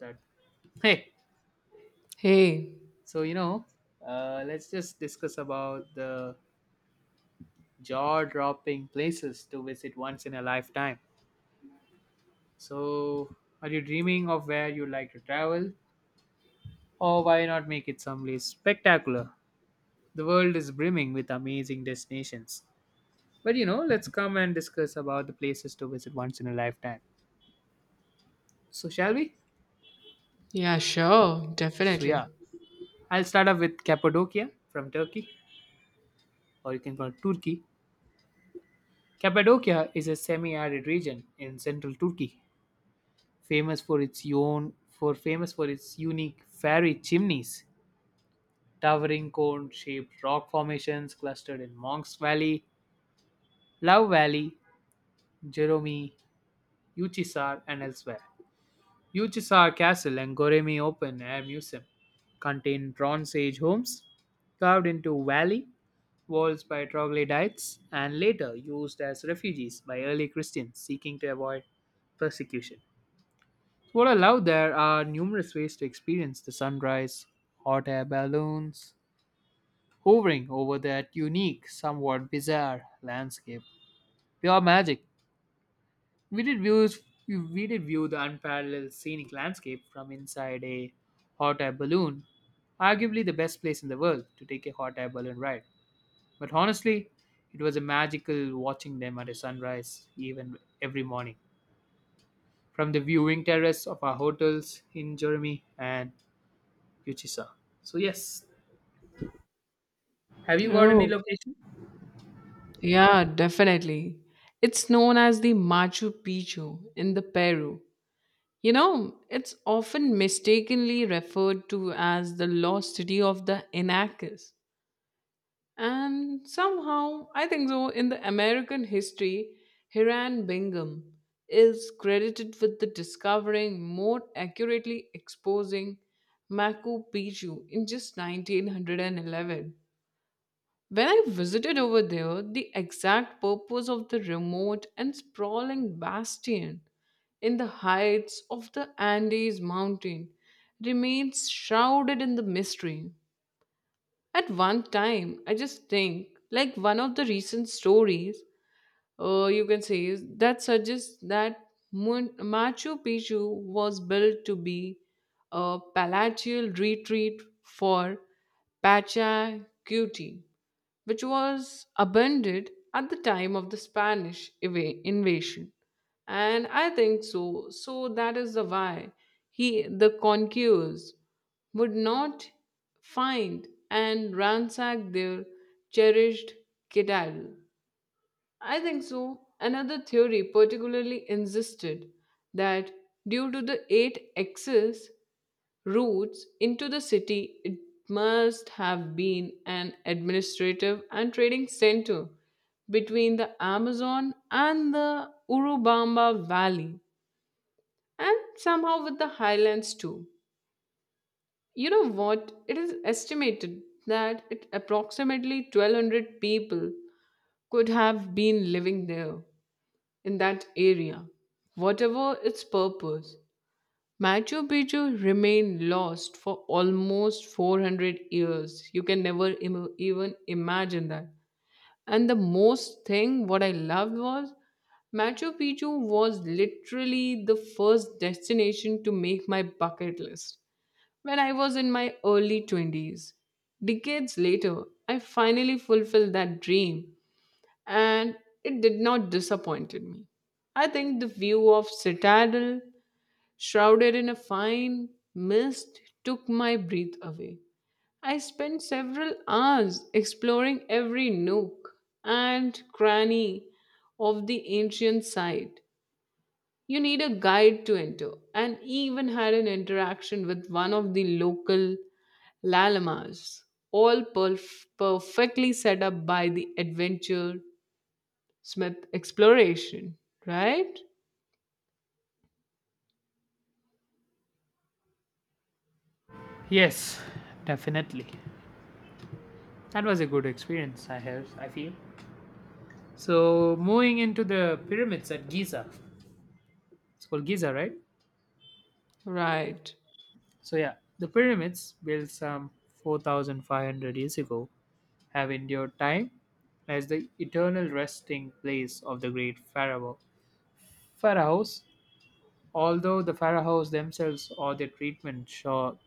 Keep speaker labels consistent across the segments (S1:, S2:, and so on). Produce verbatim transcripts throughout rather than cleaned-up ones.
S1: That. Hey.
S2: Hey,
S1: So, you know uh, let's just discuss about the jaw-dropping places to visit once in a lifetime. So are you dreaming of where you'd like to travel, or why not make it someplace spectacular? The world is brimming with amazing destinations, but you know let's come and discuss about the places to visit once in a lifetime. So shall we?
S2: yeah, sure,
S1: So
S2: definitely.
S1: yeah, I'll start off with Cappadocia from Turkey, or you can call it Turkey. Cappadocia is a semi-arid region in central Turkey, famous for its own for famous for its unique fairy chimneys, towering cone-shaped rock formations clustered in Monks Valley, Love Valley, Jerome, Uçhisar, and elsewhere. Uçhisar Castle and Goremi Open Air Museum contain Bronze Age homes carved into valley walls by troglodytes and later used as refugees by early Christians seeking to avoid persecution. What I love, there are numerous ways to experience the sunrise, hot air balloons hovering over that unique, somewhat bizarre landscape. Pure magic. We did, views, we did view the unparalleled scenic landscape from inside a hot air balloon, arguably the best place in the world to take a hot air balloon ride. But honestly, it was a magical watching them at a sunrise, even every morning, from the viewing terrace of our hotels in Jeremy and Uchisa. So yes, have you got any
S2: Oh,
S1: location?
S2: yeah, definitely. It's known as the Machu Picchu in the Peru. You know, it's often mistakenly referred to as the lost city of the Incas. And somehow, I think so, in the American history, Hiram Bingham is credited with the discovering more accurately exposing Machu Picchu in just nineteen eleven. When I visited over there, the exact purpose of the remote and sprawling bastion in the heights of the Andes mountain remains shrouded in the mystery. At one time, I just think, like one of the recent stories, uh, you can say, is that suggests that Mun- Machu Picchu was built to be a palatial retreat for Pacha Cuti which was abandoned at the time of the Spanish eva- invasion. And I think so. So that is the why he the conquerors would not find and ransack their cherished citadel. I think so. Another theory particularly insisted that due to the eight axes routes into the city, it must have been an administrative and trading center between the Amazon and the Urubamba Valley, and somehow with the highlands too. You know what? It is estimated that it, approximately twelve hundred people could have been living there in that area, whatever its purpose. Machu Picchu remained lost for almost four hundred years. You can never im- even imagine that. And the most thing what I loved was Machu Picchu was literally the first destination to make my bucket list when I was in my early twenties. Decades later, I finally fulfilled that dream and it did not disappoint me. I think the view of Citadel shrouded in a fine mist, took my breath away. I spent several hours exploring every nook and cranny of the ancient site. You need a guide to enter, and even had an interaction with one of the local llama,s all perf- perfectly set up by the adventure Smith exploration, right?
S1: Yes, definitely. That was a good experience, I have, I feel. So, moving into the pyramids at Giza. It's called Giza, right?
S2: Right.
S1: So, yeah, the pyramids, built some four thousand five hundred years ago, have endured time as the eternal resting place of the great pharaoh. Pharaohs, although the pharaohs themselves or their treatment show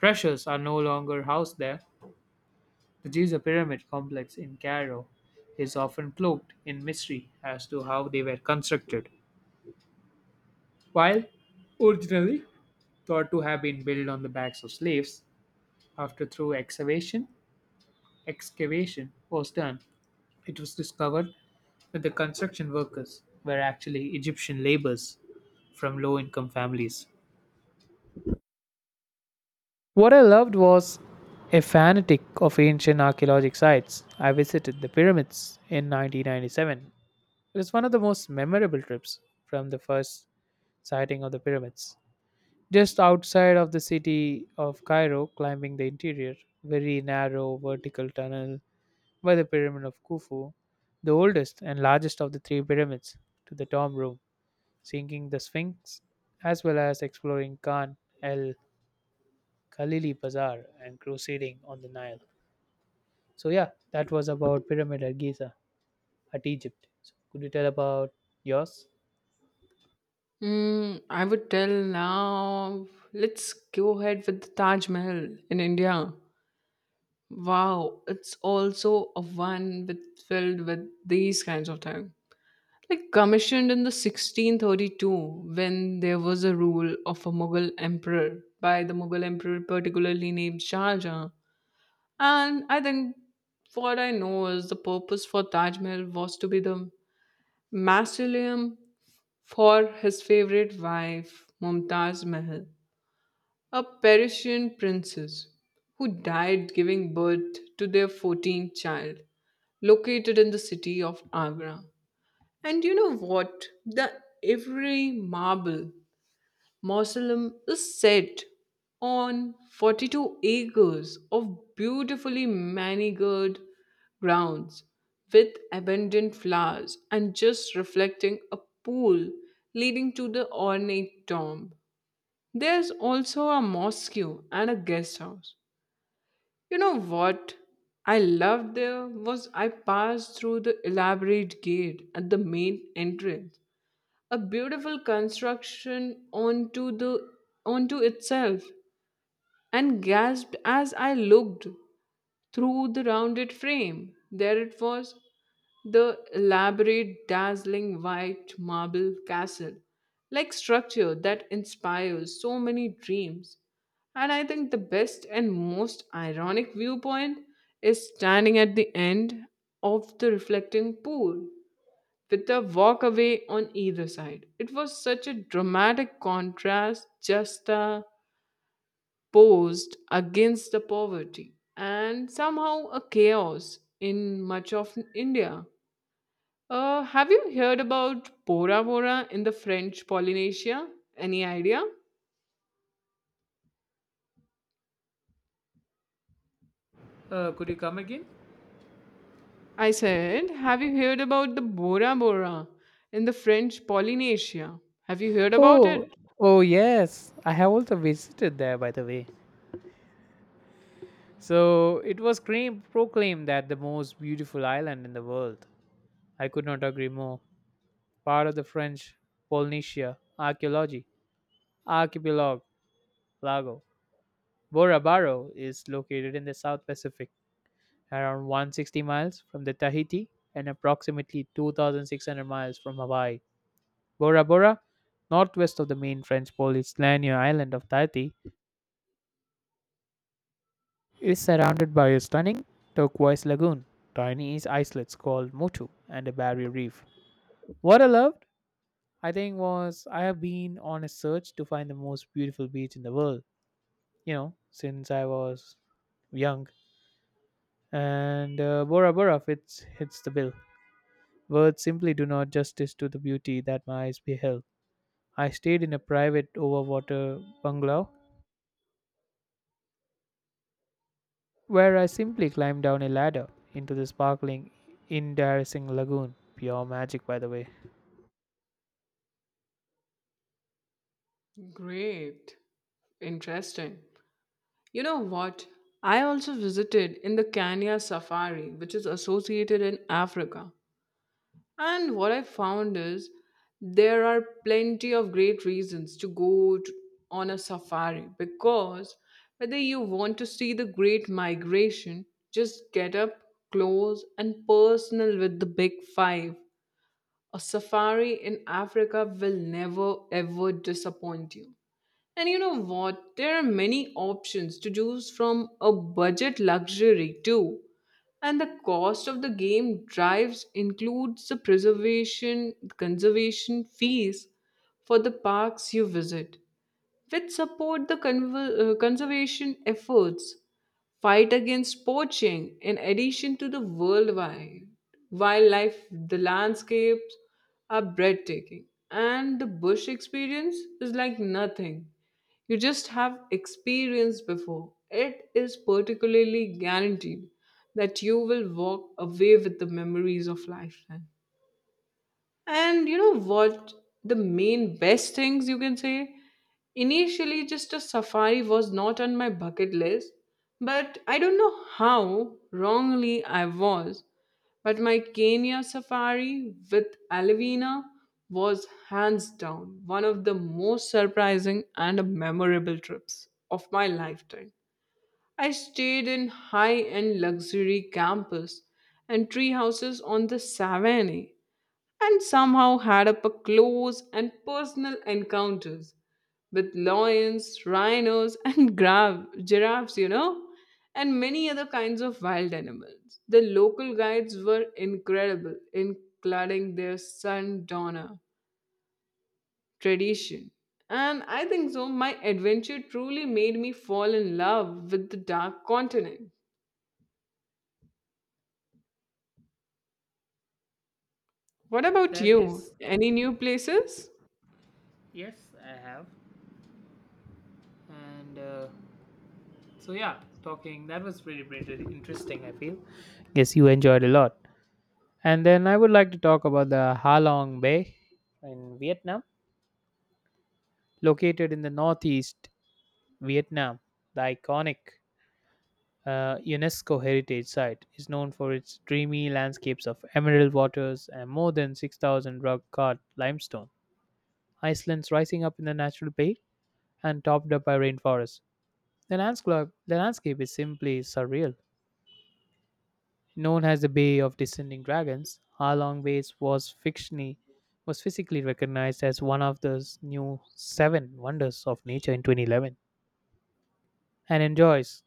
S1: treasures are no longer housed there. The Giza Pyramid complex in Cairo is often cloaked in mystery as to how they were constructed. While originally thought to have been built on the backs of slaves, after thorough excavation, excavation was done, it was discovered that the construction workers were actually Egyptian laborers from low income families. What I loved was, a fanatic of ancient archaeologic sites, I visited the pyramids in nineteen ninety-seven. It was one of the most memorable trips from the first sighting of the pyramids, just outside of the city of Cairo, climbing the interior, very narrow vertical tunnel by the Pyramid of Khufu, the oldest and largest of the three pyramids, to the tomb room, seeing the Sphinx, as well as exploring Khan el Khalili Bazaar and crusading on the Nile. So, yeah, that was about Pyramid at Giza at Egypt. So, could you tell about yours?
S2: Mm, I would tell now, let's go ahead with the Taj Mahal in India. Wow, it's also a one with filled with these kinds of things. Like commissioned in the sixteen thirty-two when there was a rule of a Mughal emperor by the Mughal emperor particularly named Shah Jahan. And I think what I know is the purpose for Taj Mahal was to be the mausoleum for his favorite wife Mumtaz Mahal, a Persian princess who died giving birth to their fourteenth child, located in the city of Agra. And you know what? The every marble mausoleum is set on forty-two acres of beautifully manicured grounds with abundant flowers and just reflecting a pool leading to the ornate tomb. There's also a mosque and a guest house. You know what I loved there was I passed through the elaborate gate at the main entrance, a beautiful construction onto the onto itself, and gasped as I looked. Through the rounded frame, there it was, the elaborate, dazzling white marble castle, like structure that inspires so many dreams. And I think the best and most ironic viewpoint is standing at the end of the reflecting pool with a walkaway on either side. It was such a dramatic contrast, just the posed against the poverty and somehow a chaos in much of India. Uh, have you heard about Bora Bora in the French Polynesia? Any idea?
S1: Uh, could you come again?
S2: I said, have you heard about the Bora Bora in the French Polynesia? Have you heard about
S1: Oh,
S2: it?
S1: oh yes, I have also visited there, by the way. So it was claim- proclaimed that the most beautiful island in the world. I could not agree more. Part of the French Polynesia archaeology archipelago lago, Bora Baro is located in the South Pacific, around one hundred sixty miles from the Tahiti and approximately two thousand six hundred miles from Hawaii. Bora Bora, northwest of the main French Polynesia island of Tahiti, it's surrounded by a stunning turquoise lagoon, tiny islets called Motu, and a barrier reef. What I loved, I think, was I have been on a search to find the most beautiful beach in the world, you know, since I was young. And uh, Bora Bora fits, hits the bill. Words simply do not justice to the beauty that my eyes beheld. I stayed in a private overwater bungalow where I simply climbed down a ladder into the sparkling, iridescent lagoon. Pure magic, by the way.
S2: Great. Interesting. You know what? I also visited in the Kenya Safari, which is associated in Africa. And what I found is there are plenty of great reasons to go to, on a safari because whether you want to see the great migration, just get up close and personal with the big five. A safari in Africa will never ever disappoint you. And you know what? There are many options to choose from a budget luxury too and the cost of the game drives includes the preservation conservation fees for the parks you visit which support the conver- uh, conservation efforts fight against poaching in addition to the worldwide wildlife, the landscapes are breathtaking and the bush experience is like nothing you just have experienced before. It is particularly guaranteed that you will walk away with the memories of lifetime. And you know what? The main best things you can say? Initially, just a safari was not on my bucket list, but I don't know how wrongly I was. But my Kenya safari with Alvina was hands down one of the most surprising and memorable trips of my lifetime. I stayed in high end luxury campus and tree houses on the savannah and somehow had up a close and personal encounters with lions, rhinos, and gra- giraffes, you know, and many other kinds of wild animals. The local guides were incredible in cladding their sundowner tradition. And I think so, my adventure truly made me fall in love with the dark continent. What about
S1: That
S2: you?
S1: is,
S2: Any new places?
S1: yes, I have. And uh, so, yeah, talking, that was really, really interesting, I feel. Guess you enjoyed a lot. And then I would like to talk about the Ha Long Bay in Vietnam, located in the northeast Vietnam. The iconic uh, UNESCO heritage site is known for its dreamy landscapes of emerald waters and more than six thousand rock cut limestone Icelands rising up in the natural bay and topped up by rainforests. The landscape, the landscape is simply surreal. Known as the Bay of Descending Dragons, Halong Bay was fictionally was physically recognized as one of the new seven wonders of nature in twenty eleven, and enjoys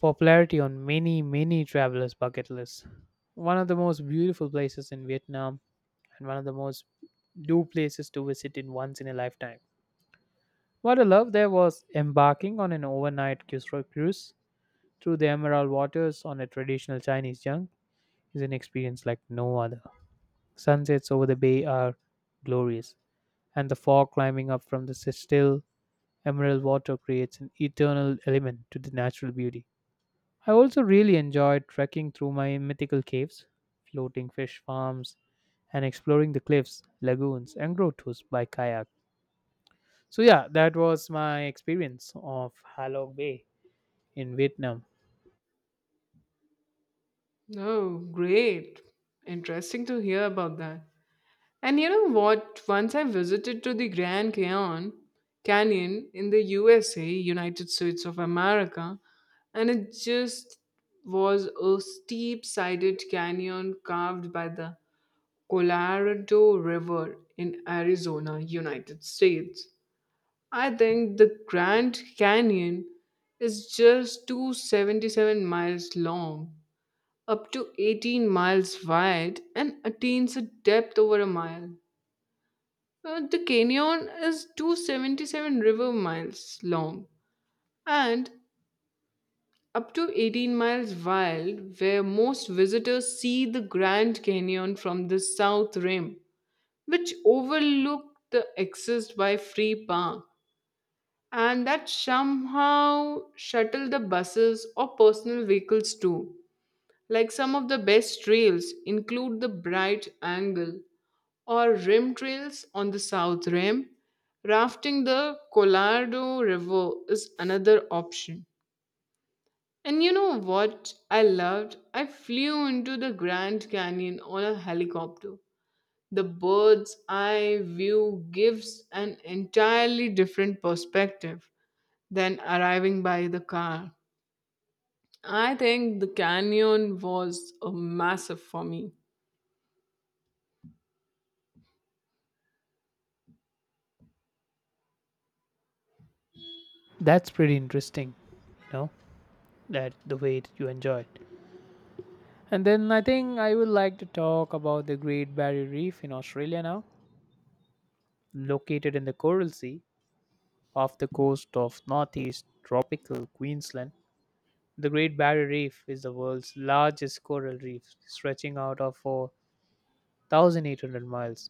S1: popularity on many, many travelers' bucket lists. One of the most beautiful places in Vietnam and one of the most do places to visit in once in a lifetime. What I loved there was embarking on an overnight cruise cruise through the emerald waters on a traditional Chinese junk is an experience like no other. Sunsets over the bay are glorious, and the fog climbing up from the still emerald water creates an eternal element to the natural beauty. I also really enjoyed trekking through my mythical caves, floating fish farms, and exploring the cliffs, lagoons, and grottos by kayak. So, yeah, that was my experience of Halong Bay in Vietnam.
S2: Oh, great. Interesting to hear about that. And you know what? Once I visited to the Grand Canyon, Canyon in the U S A, United States of America, and it just was a steep-sided canyon carved by the Colorado River in Arizona, United States. I think the Grand Canyon is just two hundred seventy-seven miles long, up to eighteen miles wide, and attains a depth over a mile. Uh, the canyon is two hundred seventy-seven river miles long and up to eighteen miles wide, where most visitors see the Grand Canyon from the south rim, which overlook the access by free park, and that somehow shuttle the buses or personal vehicles too. Like some of the best trails include the Bright Angle, or rim trails on the South Rim. Rafting the Colorado River is another option. And you know what I loved? I flew into the Grand Canyon on a helicopter. The bird's eye view gives an entirely different perspective than arriving by the car. I think the canyon was a massive for me.
S1: That's pretty interesting, you know, that the way that you enjoy. And then I think I would like to talk about the Great Barrier Reef in Australia now, located in the Coral Sea off the coast of northeast tropical Queensland. The Great Barrier Reef is the world's largest coral reef, stretching out of four thousand eight hundred miles.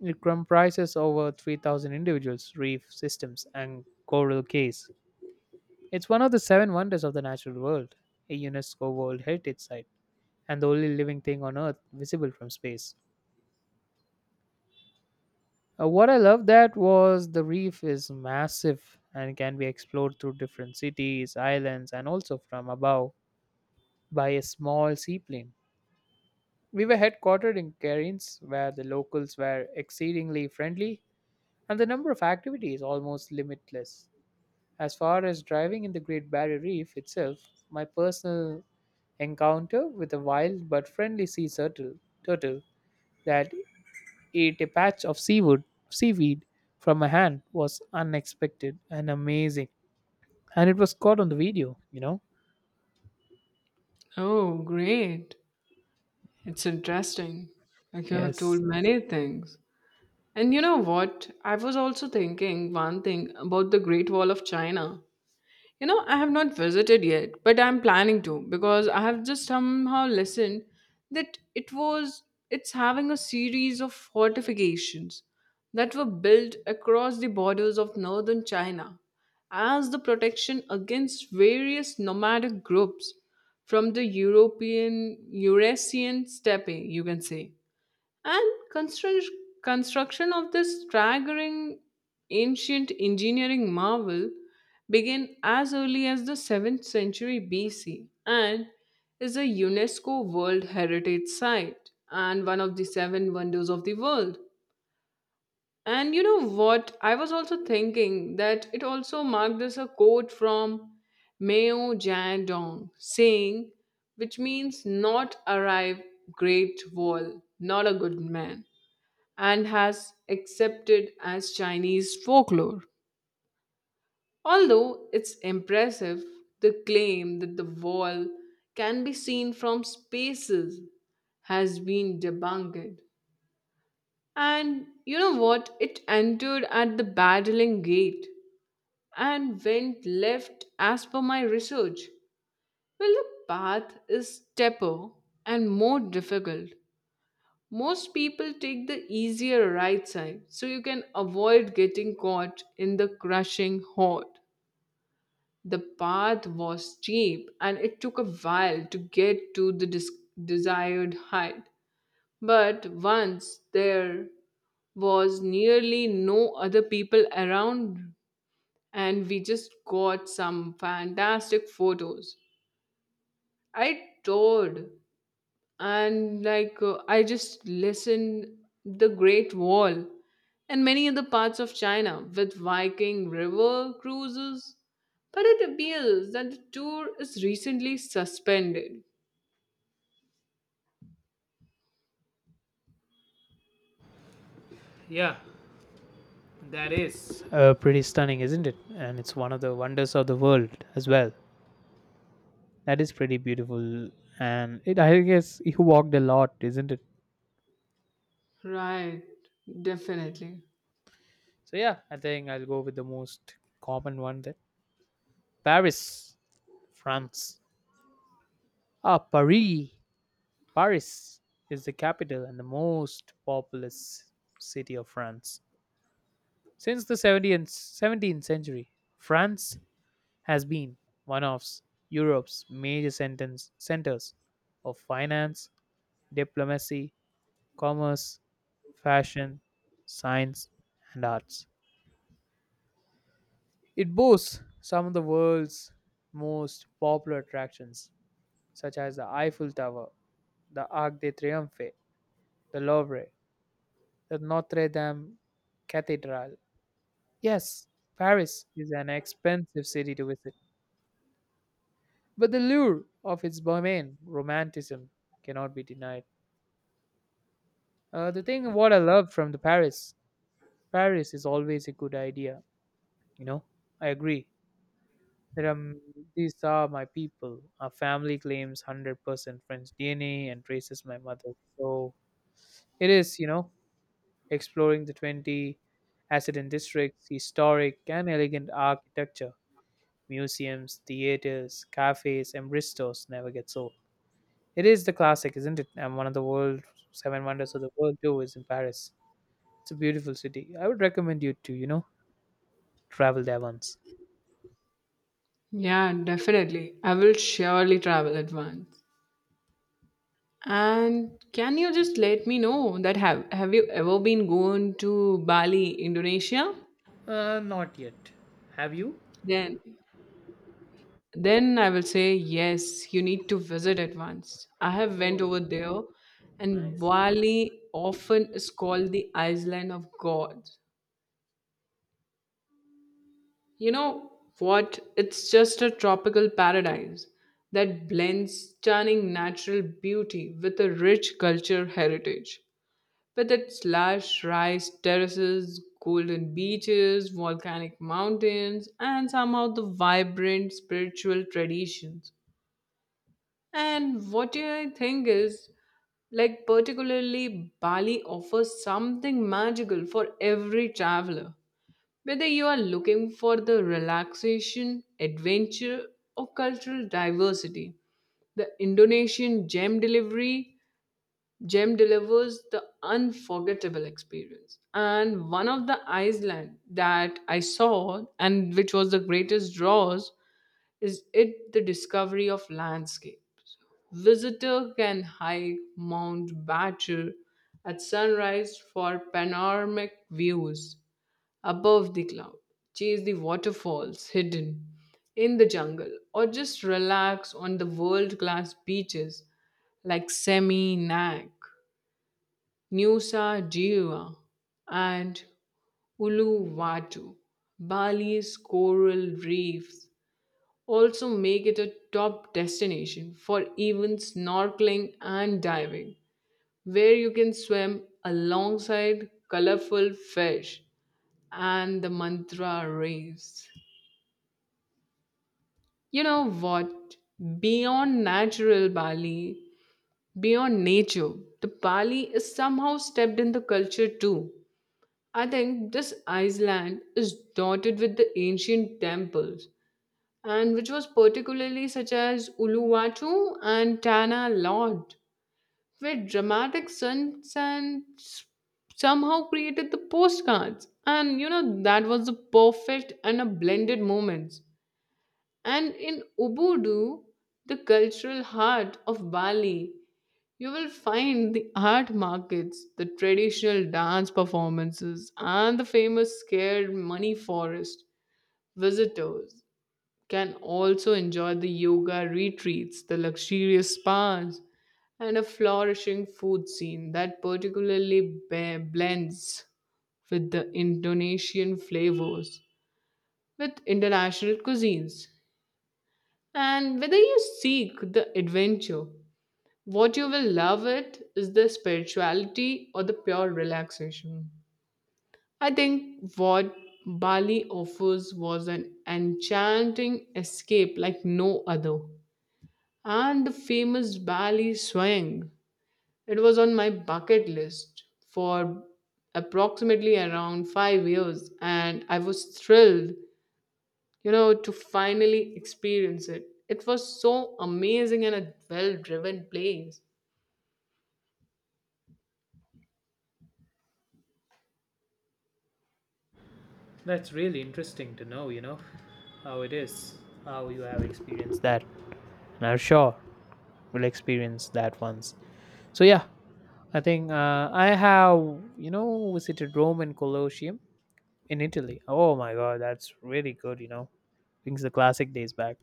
S1: It comprises over three thousand individual reef systems and coral cays. It's one of the seven wonders of the natural world, a UNESCO World Heritage Site, and the only living thing on Earth visible from space. Uh, what I love that was, the reef is massive and can be explored through different cities, islands, and also from above by a small seaplane. We were headquartered in Cairns, where the locals were exceedingly friendly, and the number of activities almost limitless. As far as driving in the Great Barrier Reef itself, my personal encounter with a wild but friendly sea turtle, turtle that ate a patch of seaweed, seaweed from my hand was unexpected and amazing. And it was caught on the video, you know?
S2: Oh, great. It's interesting. Like you have told
S1: Yes.
S2: many things. And you know what? I was also thinking one thing about the Great Wall of China. You know, I have not visited yet, but I'm planning to because I have just somehow listened that it was it's having a series of fortifications that were built across the borders of northern China as the protection against various nomadic groups from the European Eurasian steppe, you can say. And construct- construction of this staggering ancient engineering marvel began as early as the seventh century B C and is a UNESCO World Heritage Site and one of the seven wonders of the world. And you know what? I was also thinking that it also marked as a quote from Mao Zedong saying, which means not arrive, great wall, not a good man and has accepted as Chinese folklore. Although it's impressive, the claim that the wall can be seen from spaces has been debunked. And you know what? It entered at the battling gate and went left as per my research. Well, the path is steeper and more difficult. Most people take the easier right side so you can avoid getting caught in the crushing hot. The path was steep and it took a while to get to the dis- desired height. But once there was nearly no other people around and we just got some fantastic photos. I toured and like uh, I just listened the great wall and many other parts of china with viking river cruises but it appears that the tour is recently suspended.
S1: Yeah, that is. Uh, pretty stunning, isn't it? And it's one of the wonders of the world as well. That is pretty beautiful. And it, I guess, you walked a lot, isn't it?
S2: Right. Definitely.
S1: So, yeah, I think I'll go with the most common one, that Paris, France. Ah, Paris. Paris is the capital and the most populous city of France. Since the seventeenth century, France has been one of Europe's major centers of finance, diplomacy, commerce, fashion, science, and arts. It boasts some of the world's most popular attractions, such as the Eiffel Tower, the Arc de Triomphe, the Louvre, the Notre Dame Cathedral. Yes, Paris is an expensive city to visit, but the lure of its bohemian romanticism cannot be denied. Uh, the thing what I love from the Paris, Paris is always a good idea. You know, I agree. There are, m- these are my people. Our family claims one hundred percent French D N A and traces my mother. So it is, you know, exploring the twenty accident districts, historic and elegant architecture Museums, theaters, cafes, and bistros never gets old. It is the classic, isn't it? And one of the world seven wonders of the world too is in Paris. It's a beautiful city. I would recommend you to, you know, travel there once.
S2: Yeah, definitely, I will surely travel at once. And can you just let me know that have have you ever been going to Bali, Indonesia?
S1: Uh, not yet. Have you?
S2: Then then I will say yes, you need to visit it once. I have went over
S1: Oh, yeah.
S2: there. And
S1: Nice.
S2: Bali often is called the island of god. You know what, it's just a tropical paradise that blends stunning natural beauty with a rich culture heritage, with its lush rice terraces, golden beaches, volcanic mountains, and somehow the vibrant spiritual traditions. And what I think is, like, particularly Bali offers something magical for every traveler. Whether you are looking for the relaxation, adventure, or cultural diversity, the Indonesian gem delivery gem delivers the unforgettable experience. And one of the Iceland that I saw and which was the greatest draws is it the discovery of landscapes. Visitor can hike Mount Badger at sunrise for panoramic views above the cloud, chase the waterfalls hidden in the jungle, or just relax on the world-class beaches like Seminyak, Nusa Dua, and Uluwatu. Bali's coral reefs also make it a top destination for even snorkeling and diving, where you can swim alongside colorful fish and the mantra rays. You know what? Beyond natural Bali, Beyond nature, the Bali is somehow stepped in the culture too. I think this island is dotted with the ancient temples and which was particularly such as Uluwatu and Tana Lod, where dramatic stunts and s- somehow created the postcards. And you know, that was the perfect and a blended moments. And in Ubudu, the cultural heart of Bali, you will find the art markets, the traditional dance performances, and the famous scared money forest. Visitors can also enjoy the yoga retreats, the luxurious spas, and a flourishing food scene that particularly be- blends with the Indonesian flavors with international cuisines. And whether you seek the adventure, what you will love it is the spirituality or the pure relaxation. I think what Bali offers was an enchanting escape like no other. And the famous Bali Swayam. It was on my bucket list for approximately around five years, and I was thrilled, you know, to finally experience it. It was so amazing and a well-driven place.
S1: That's really interesting to know, you know, how it is, how you have experienced that. And I'm sure we'll experience that once. So, yeah, I think uh, I have, you know, visited Rome and Colosseum in Italy. Oh my god, that's really good, you know. Brings the classic days back.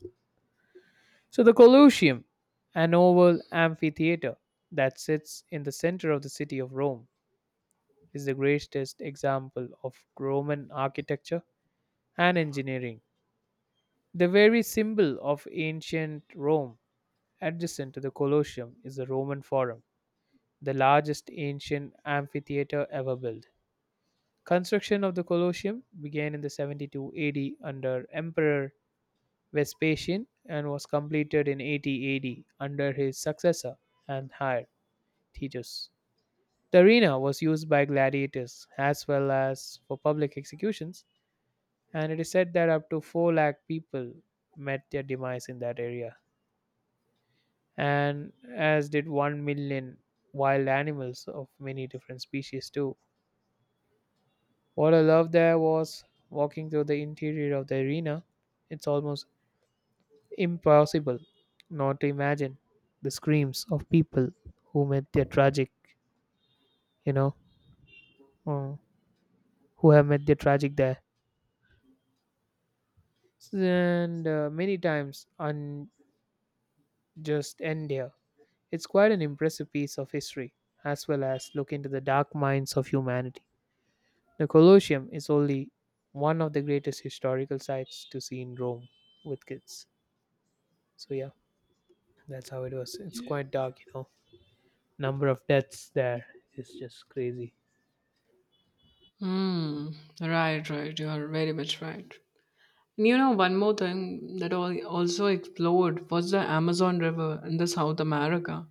S1: So the Colosseum, an oval amphitheater that sits in the center of the city of Rome, is the greatest example of Roman architecture and engineering. The very symbol of ancient Rome, adjacent to the Colosseum, is the Roman Forum, the largest ancient amphitheater ever built. Construction of the Colosseum began in the seventy-two A D under Emperor Vespasian and was completed in eighty A D under his successor and heir Titus. The arena was used by gladiators as well as for public executions, and it is said that up to four lakh people met their demise in that area, and as did one million wild animals of many different species too. What I love there was walking through the interior of the arena. It's almost impossible not to imagine the screams of people who met their tragic, you know, uh, who have met their tragic there. And uh, many times unjust end here. It's quite an impressive piece of history, as well as look into the dark minds of humanity. The Colosseum is only one of the greatest historical sites to see in Rome with kids. So yeah, that's how it was. It's quite dark, you know. Number of deaths there is just crazy.
S2: Hmm. Right, right. You are very much right. And you know, one more thing that I also explored was the Amazon River in the South America.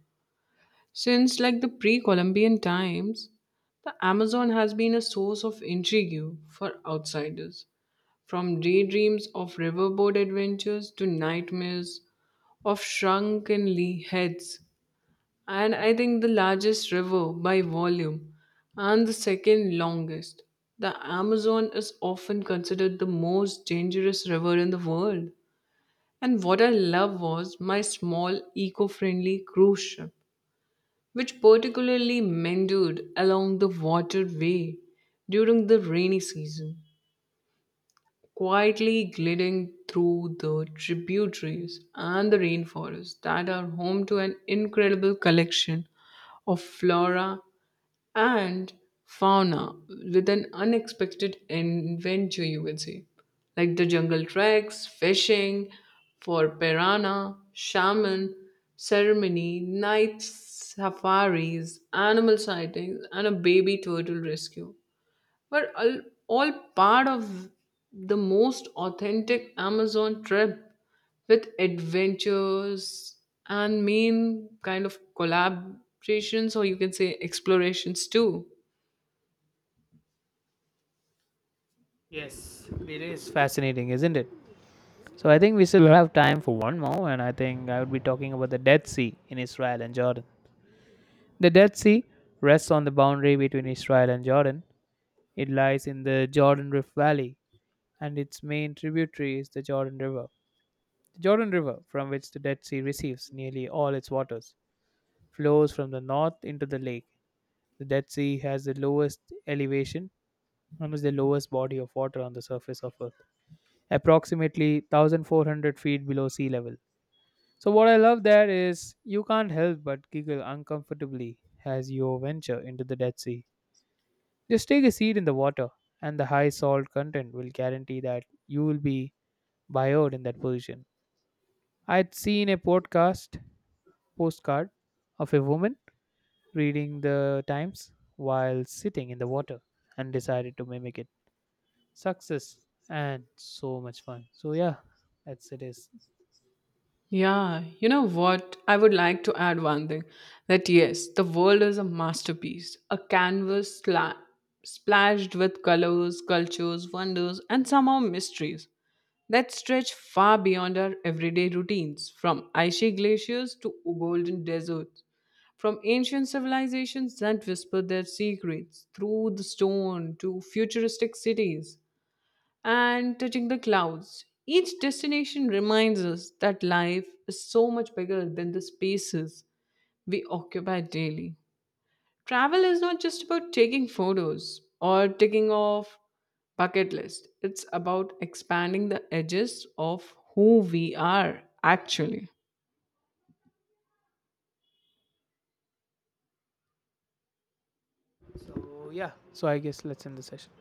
S2: Since like the pre-Columbian times, the Amazon has been a source of intrigue for outsiders, from daydreams of riverboat adventures to nightmares of shrunken le- heads. And I think the largest river by volume and the second longest, the Amazon is often considered the most dangerous river in the world. And what I love was my small eco friendly cruise ship which particularly meandered along the waterway during the rainy season quietly gliding through the tributaries and the rainforests that are home to an incredible collection of flora and fauna with an unexpected adventure, you would say, like the jungle treks, fishing for piranha, shaman, ceremony, night safaris, animal sightings, and a baby turtle rescue were all, all part of the most authentic Amazon trip with adventures and main kind of collaborations, or you can say explorations too.
S1: Yes, it is fascinating, isn't it? So I think we still have time for one more, and I think I would be talking about the Dead Sea in Israel and Jordan. The Dead Sea rests on the boundary between Israel and Jordan. It lies in the Jordan Rift Valley, and its main tributary is the Jordan River. The Jordan River, from which the Dead Sea receives nearly all its waters, flows from the north into the lake. The Dead Sea has the lowest elevation and is the lowest body of water on the surface of Earth, approximately one thousand four hundred feet below sea level. So, what I love there is you can't help but giggle uncomfortably as you venture into the Dead Sea. Just take a seat in the water, and the high salt content will guarantee that you will be bioed in that position. I'd seen a podcast postcard of a woman reading the Times while sitting in the water and decided to mimic it. Success and so much fun. So, yeah, that's it is.
S2: Yeah, you know what? I would like to add one thing that yes, the world is a masterpiece, a canvas sla- splashed with colors, cultures, wonders, and somehow mysteries that stretch far beyond our everyday routines, from icy glaciers to golden deserts, from ancient civilizations that whisper their secrets through the stone to futuristic cities and touching the clouds. Each destination reminds us that life is so much bigger than the spaces we occupy daily. Travel is not just about taking photos or ticking off bucket list. It's about expanding the edges of who we are actually.
S1: So yeah, so I guess let's end the session.